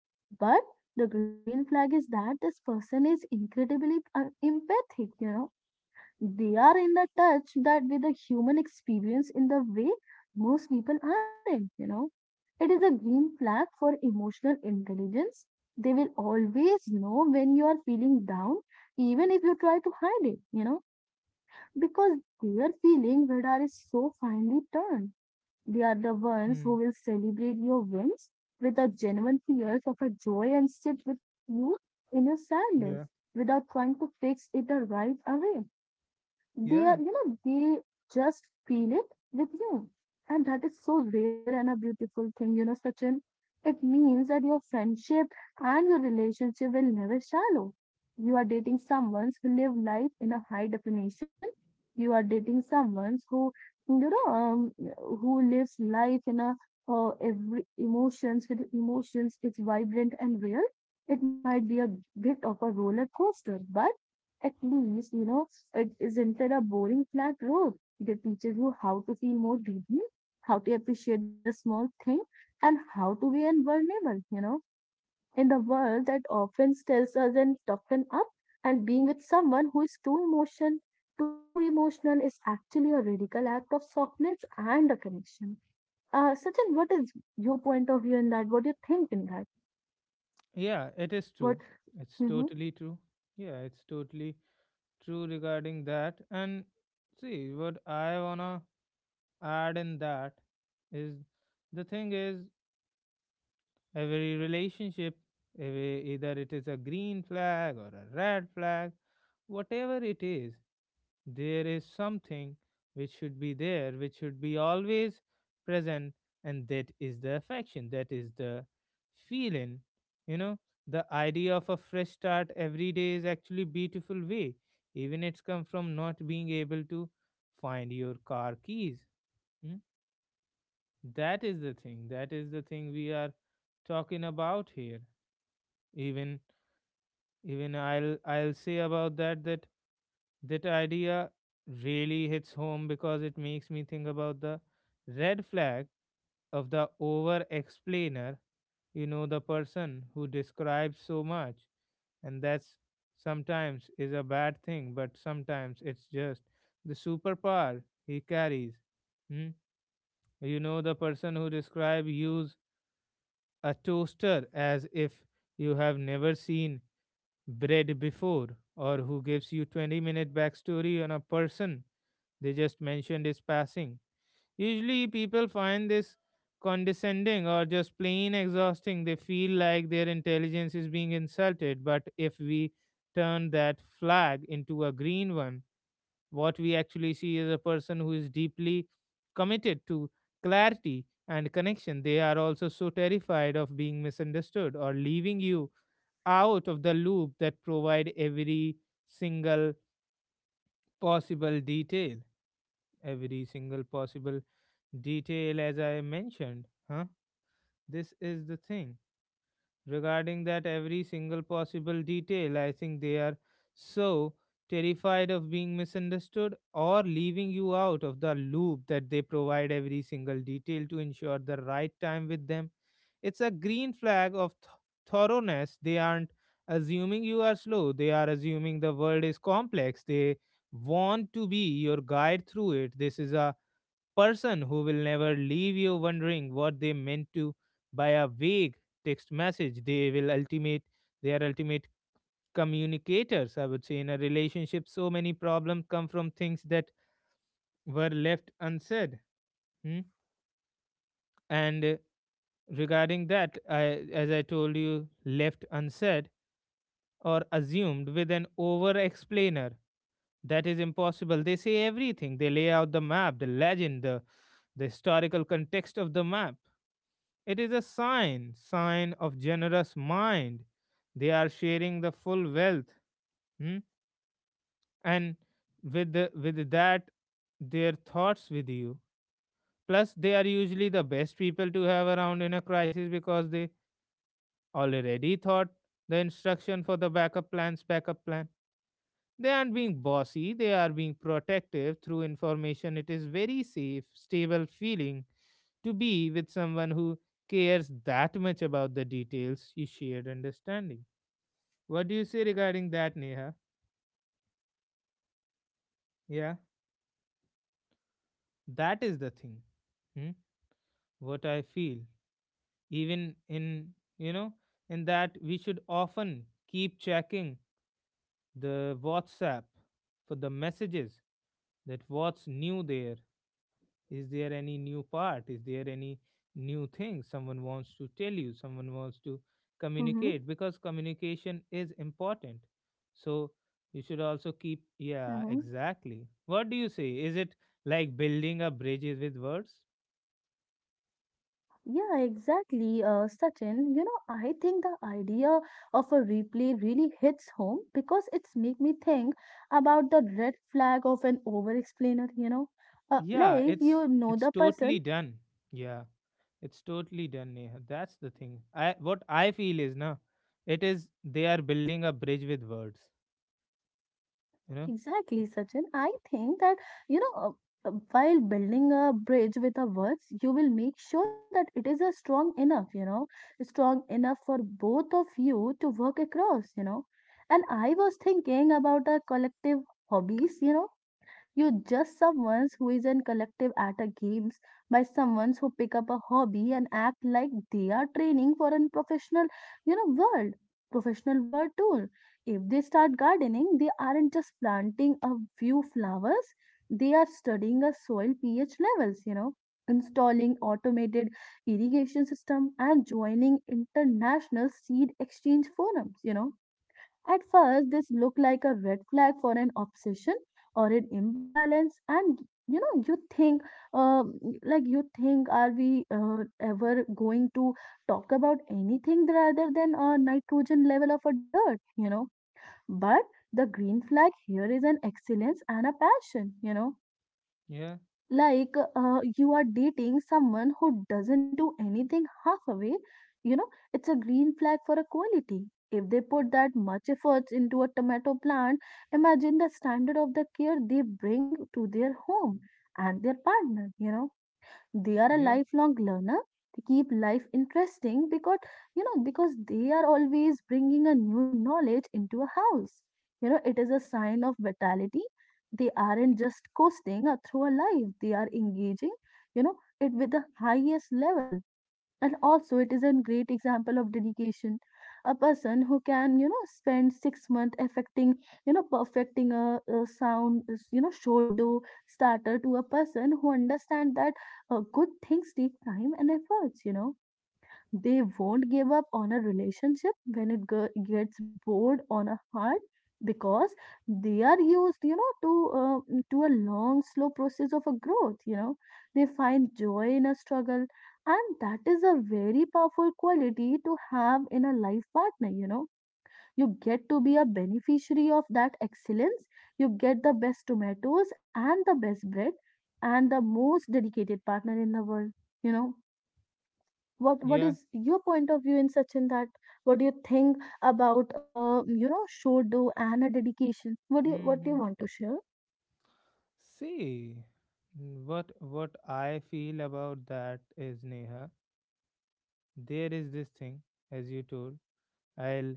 but the green flag is that this person is incredibly empathic, you know. They are in the touch that with the human experience in the way most people aren't, you know. It is a green flag for emotional intelligence. They will always know when you are feeling down, even if you try to hide it, you know, because their feeling radar is so finely tuned. They are the ones who hmm. will celebrate your wins without genuine fears of a joy and sit with you in your sadness Yeah, without trying to fix it right away. They yeah, are, you know, they just feel it with you. And that is so rare and a beautiful thing, you know, Sachin. It means that your friendship and your relationship will never shallow. You are dating someone who live life in a high definition. You are dating someone who, you know, who lives life in a, every emotions with emotions. It's vibrant and real. It might be a bit of a roller coaster, but at least, you know, it isn't it a boring flat road. It teaches you how to feel more deeply, how to appreciate the small thing, and how to be vulnerable, you know, in the world that often tells us and toughen up. And being with someone who is too emotional is actually a radical act of softness and a connection. Sachin, what is your point of view in that? What do you think in that? yeah. It is true. What? It's totally Mm-hmm, true. Yeah, it's totally true regarding that. And see, what I wanna add in that is the thing is every relationship, every, either it is a green flag or a red flag, whatever it is, there is something which should be there, which should be always present, and that is the affection, that is the feeling. You know, the idea of a fresh start every day is actually beautiful way. Even it's come from not being able to find your car keys. mm. That is the thing. That is the thing we are talking about here. Even even I'll say about that that that idea really hits home because it makes me think about the red flag of the over explainer, you know, the person who describes so much. And that's sometimes is a bad thing, but sometimes it's just the superpower he carries. Hmm? You know, the person who describes use a toaster as if you have never seen bread before, or who gives you 20-minute backstory on a person they just mentioned his passing. Usually, people find this condescending or just plain exhausting. They feel like their intelligence is being insulted. But if we turn that flag into a green one, what we actually see is a person who is deeply committed to clarity and connection. They are also so terrified of being misunderstood or leaving you out of the loop that provide every single possible detail, every single possible detail as I mentioned. Huh? This is the thing. Regarding that, every single possible detail, I think they are so terrified of being misunderstood or leaving you out of the loop that they provide every single detail to ensure the right time with them. It's a green flag of thoroughness. They aren't assuming you are slow, they are assuming the world is complex. They want to be your guide through it. This is a person who will never leave you wondering what they meant to by a vague text message they are ultimate communicators, I would say. In a relationship, so many problems come from things that were left unsaid. Hmm? And regarding that, I, as I told you, left unsaid or assumed with an over explainer, that is impossible. They say everything, they lay out the map, the legend, the historical context of the map. It is a sign, sign of generous mind. They are sharing the full wealth, hmm, and with that, their thoughts with you. Plus, they are usually the best people to have around in a crisis because they already thought the instruction for the backup plans, backup plan. They aren't being bossy, they are being protective through information. It is very safe, stable feeling to be with someone who cares that much about the details you shared understanding. What do you say regarding that, Neha? Yeah, that is the thing. Hmm? What I feel, even in, you know, in that we should often keep checking the WhatsApp for the messages, that what's new there, is there any new part, is there any new thing someone wants to tell you, someone wants to communicate, mm-hmm, because communication is important, so you should also keep. Yeah, mm-hmm. exactly, what do you say, is it like building up bridges with words? Yeah, exactly, Sachin. You know, I think the idea of a replay really hits home because it's make me think about the red flag of an over-explainer, you know. Yeah Like, it's you know it's the totally person. done. Yeah, it's totally done, Neha. That's the thing. I what I feel is na, it is they are building a bridge with words, you know. Exactly, Sachin. I think that, you know, while building a bridge with a words, you will make sure that it is a strong strong enough for both of you to work across, you know. And I was thinking about our collective hobbies, you know. You're just someone who is in collective at a games by someone who pick up a hobby and act like they are training for a professional, you know, professional world tool. If they start gardening, they aren't just planting a few flowers. They are studying a soil pH levels, you know, installing automated irrigation system and joining international seed exchange forums, you know. At first, this looked like a red flag for an obsession or an imbalance, and you know, you think, um, you think, are we ever going to talk about anything rather than a nitrogen level of a dirt, you know? But the green flag here is an excellence and a passion, you know, Yeah, like you are dating someone who doesn't do anything halfway, you know. It's a green flag for a quality. If they put that much efforts into a tomato plant, imagine the standard of the care they bring to their home and their partner, you know, they are a yeah, lifelong learner. They keep life interesting because, you know, because they are always bringing a new knowledge into a house. You know, it is a sign of vitality. They aren't just coasting through a life, they are engaging, you know, it with the highest level, and also it is a great example of dedication. A person who can, you know, spend 6 months affecting, you know, perfecting a sound you know shodo starter to a person who understand that good things take time and efforts, you know. They won't give up on a relationship when gets bored on a hard, because they are used, you know, to to a long, slow process of a growth. You know, they find joy in a struggle, and that is a very powerful quality to have in a life partner. You know, you get to be a beneficiary of that excellence. You get the best tomatoes and the best bread and the most dedicated partner in the world. You know, what yeah. is your point of view in such in that, what do you think about you know should do and a dedication, what do you Hmm. want to share? See, what I feel about that is, Neha, there is this thing, as you told. I'll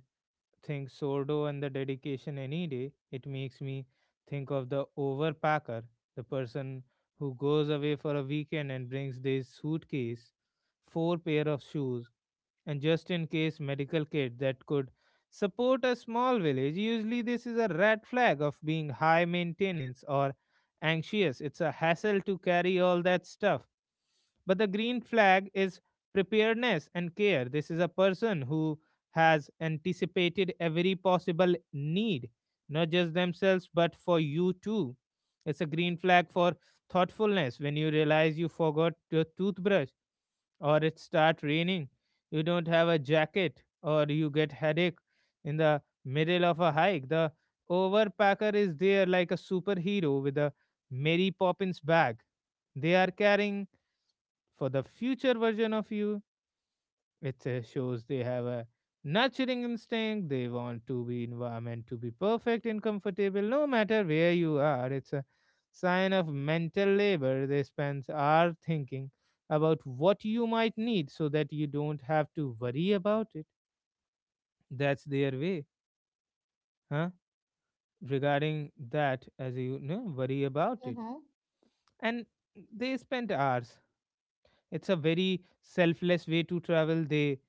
think Sordo and the dedication any day. It makes me think of the overpacker, the person who goes away for a weekend and brings this suitcase, four pair of shoes, and just in case medical kit that could support a small village. Usually, this is a red flag of being high maintenance or anxious. It's a hassle to carry all that stuff. But the green flag is preparedness and care. This is a person who has anticipated every possible need, not just themselves, but for you too. It's a green flag for thoughtfulness when you realize you forgot your toothbrush or it start raining, you don't have a jacket or you get headache in the middle of a hike. The overpacker is there like a superhero with a Mary Poppins bag. They are carrying for the future version of you. It shows they have a nurturing instinct. They want to be environment to be perfect and comfortable no matter where you are. It's a sign of mental labor. They spend hours thinking about what you might need so that you don't have to worry about it. That's their way, huh? Regarding that, as you know, worry about it. Mm-hmm. And they spend hours. It's a very selfless way to travel. They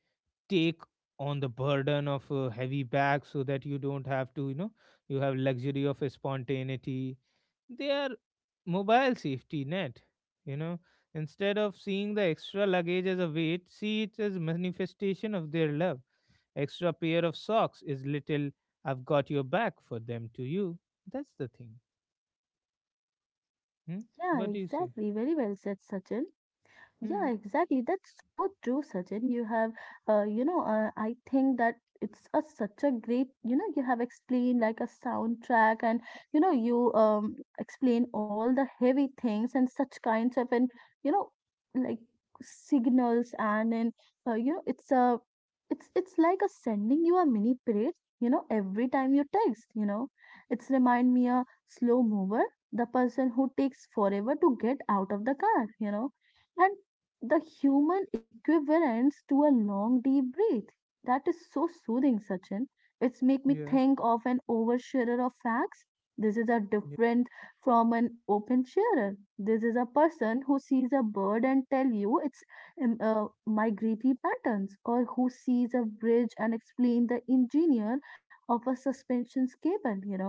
take on the burden of a heavy bag so that you don't have to, you know, you have luxury of a spontaneity. They are mobile safety net, you know. Instead of seeing the extra luggage as a weight, see it as manifestation of their love. Extra pair of socks is little I've got your back for them to you. That's the thing. Hmm? Yeah, What do you say? exactly, very well said, Sachin. Yeah, Hmm. exactly. That's so true, Sachin. You have, you know, I think that it's a such a great, you know, you have explained like a soundtrack, and you know, you explain all the heavy things and such kinds of, and you know, like signals and you know, it's like a sending you a mini parade. You know, every time you text, you know, it's remind me a slow mover, the person who takes forever to get out of the car. You know. And the human equivalence to a long deep breath. That is so soothing, Sachin. It's make me Yeah, think of an oversharer of facts. This is a yeah, different from an open sharer. This is a person who sees a bird and tell you its migratory patterns, or who sees a bridge and explain the engineer of a suspension cable. You know,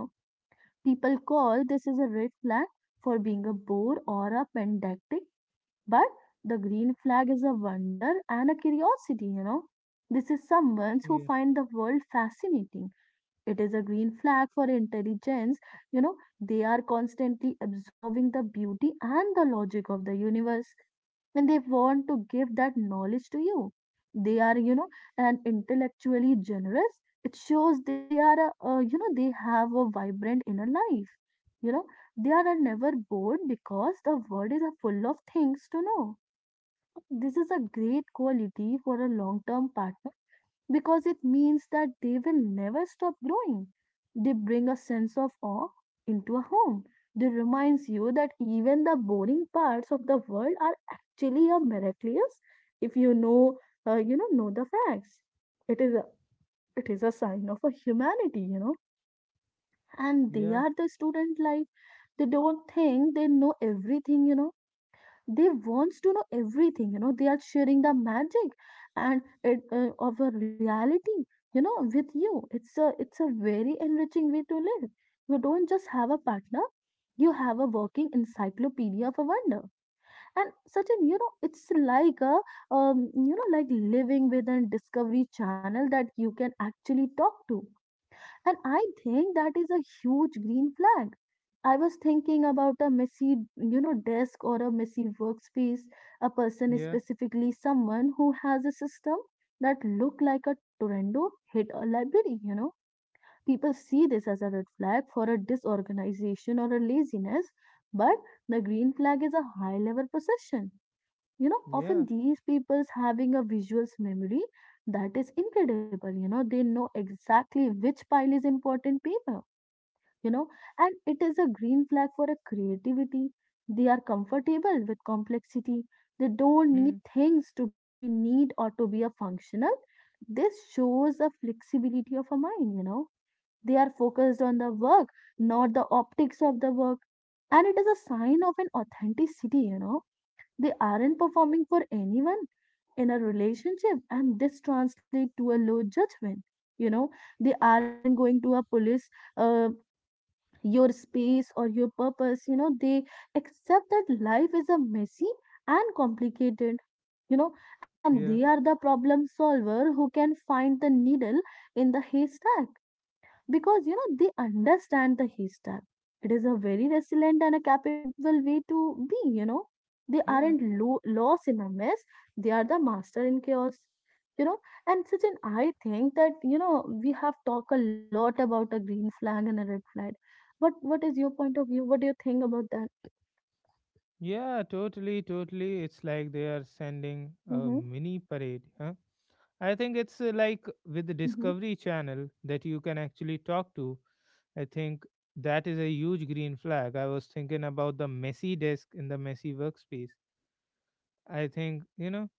people call this is a red flag for being a bore or a pedantic, but the green flag is a wonder and a curiosity, you know. This is someone who yeah, find the world fascinating. It is a green flag for intelligence, you know. They are constantly absorbing the beauty and the logic of the universe, and they want to give that knowledge to you. They are, you know, and intellectually generous. It shows they are you know they have a vibrant inner life, you know. They are never bored because the world is a full of things to know. This is a great quality for a long term partner because it means that they will never stop growing. They bring a sense of awe into a home. They reminds you that even the boring parts of the world are actually a miraculous if you know you know the facts. It is a, it is a sign of a humanity, you know. And they yeah, are the student life. They don't think they know everything, you know, they wants to know everything, you know. They are sharing the magic and it, of a reality, you know, with you. It's a, it's a very enriching way to live. You don't just have a partner, you have a working encyclopedia of a wonder. And Sachin, you know, it's like a, you know, like living with a discovery channel that you can actually talk to, and I think that is a huge green flag. I was thinking about a messy, you know, desk or a messy workspace. A person is yeah, specifically someone who has a system that look like a tornado hit a library, you know. People see this as a red flag for a disorganization or a laziness, but the green flag is a high level possession. You know, yeah. often these people's having a visuals memory that is incredible. You know they know exactly which pile is important paper, you know, and it is a green flag for a creativity. They are comfortable with complexity. They don't need Hmm. things to be neat or to be a functional. This shows a flexibility of a mind, you know. They are focused on the work, not the optics of the work, and it is a sign of an authenticity, you know. They aren't performing for anyone in a relationship, and this translates to a low judgment. You know, they aren't going to a police. Uh, your space or your purpose, you know, they accept that life is a messy and complicated, you know, and they Yeah, are the problem solver who can find the needle in the haystack because you know they understand the history. It is a very resilient and a capable way to be, you know, they yeah. aren't lost in a mess. They are the master in chaos, you know. And such an, I think that, you know, we have talked a lot about a green flag and a red flag. What is your point of view, what do you think about that? Yeah, totally, totally. It's like they are sending a Mm-hmm. mini parade, huh? I think it's like with the Mm-hmm. Discovery Channel that you can actually talk to. I think that is a huge green flag. I was thinking about the messy desk in the messy workspace. I think, you know,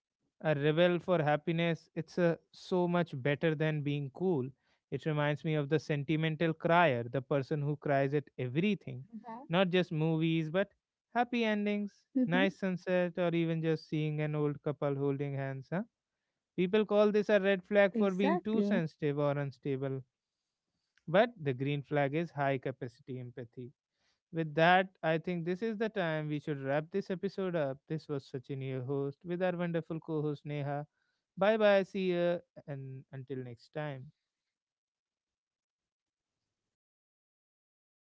a rebel for happiness, it's a, so much better than being cool. It reminds me of the sentimental crier, the person who cries at everything, Mhm. not just movies, but happy endings, Mm-hmm. nice sunset, or even just seeing an old couple holding hands. Huh? People call this a red flag for being too Exactly. sensitive or unstable, but the green flag is high capacity empathy. With that, I think this is the time we should wrap this episode up. This was Sachin, your host, with our wonderful co host Neha. Bye bye, see ya, and until next time.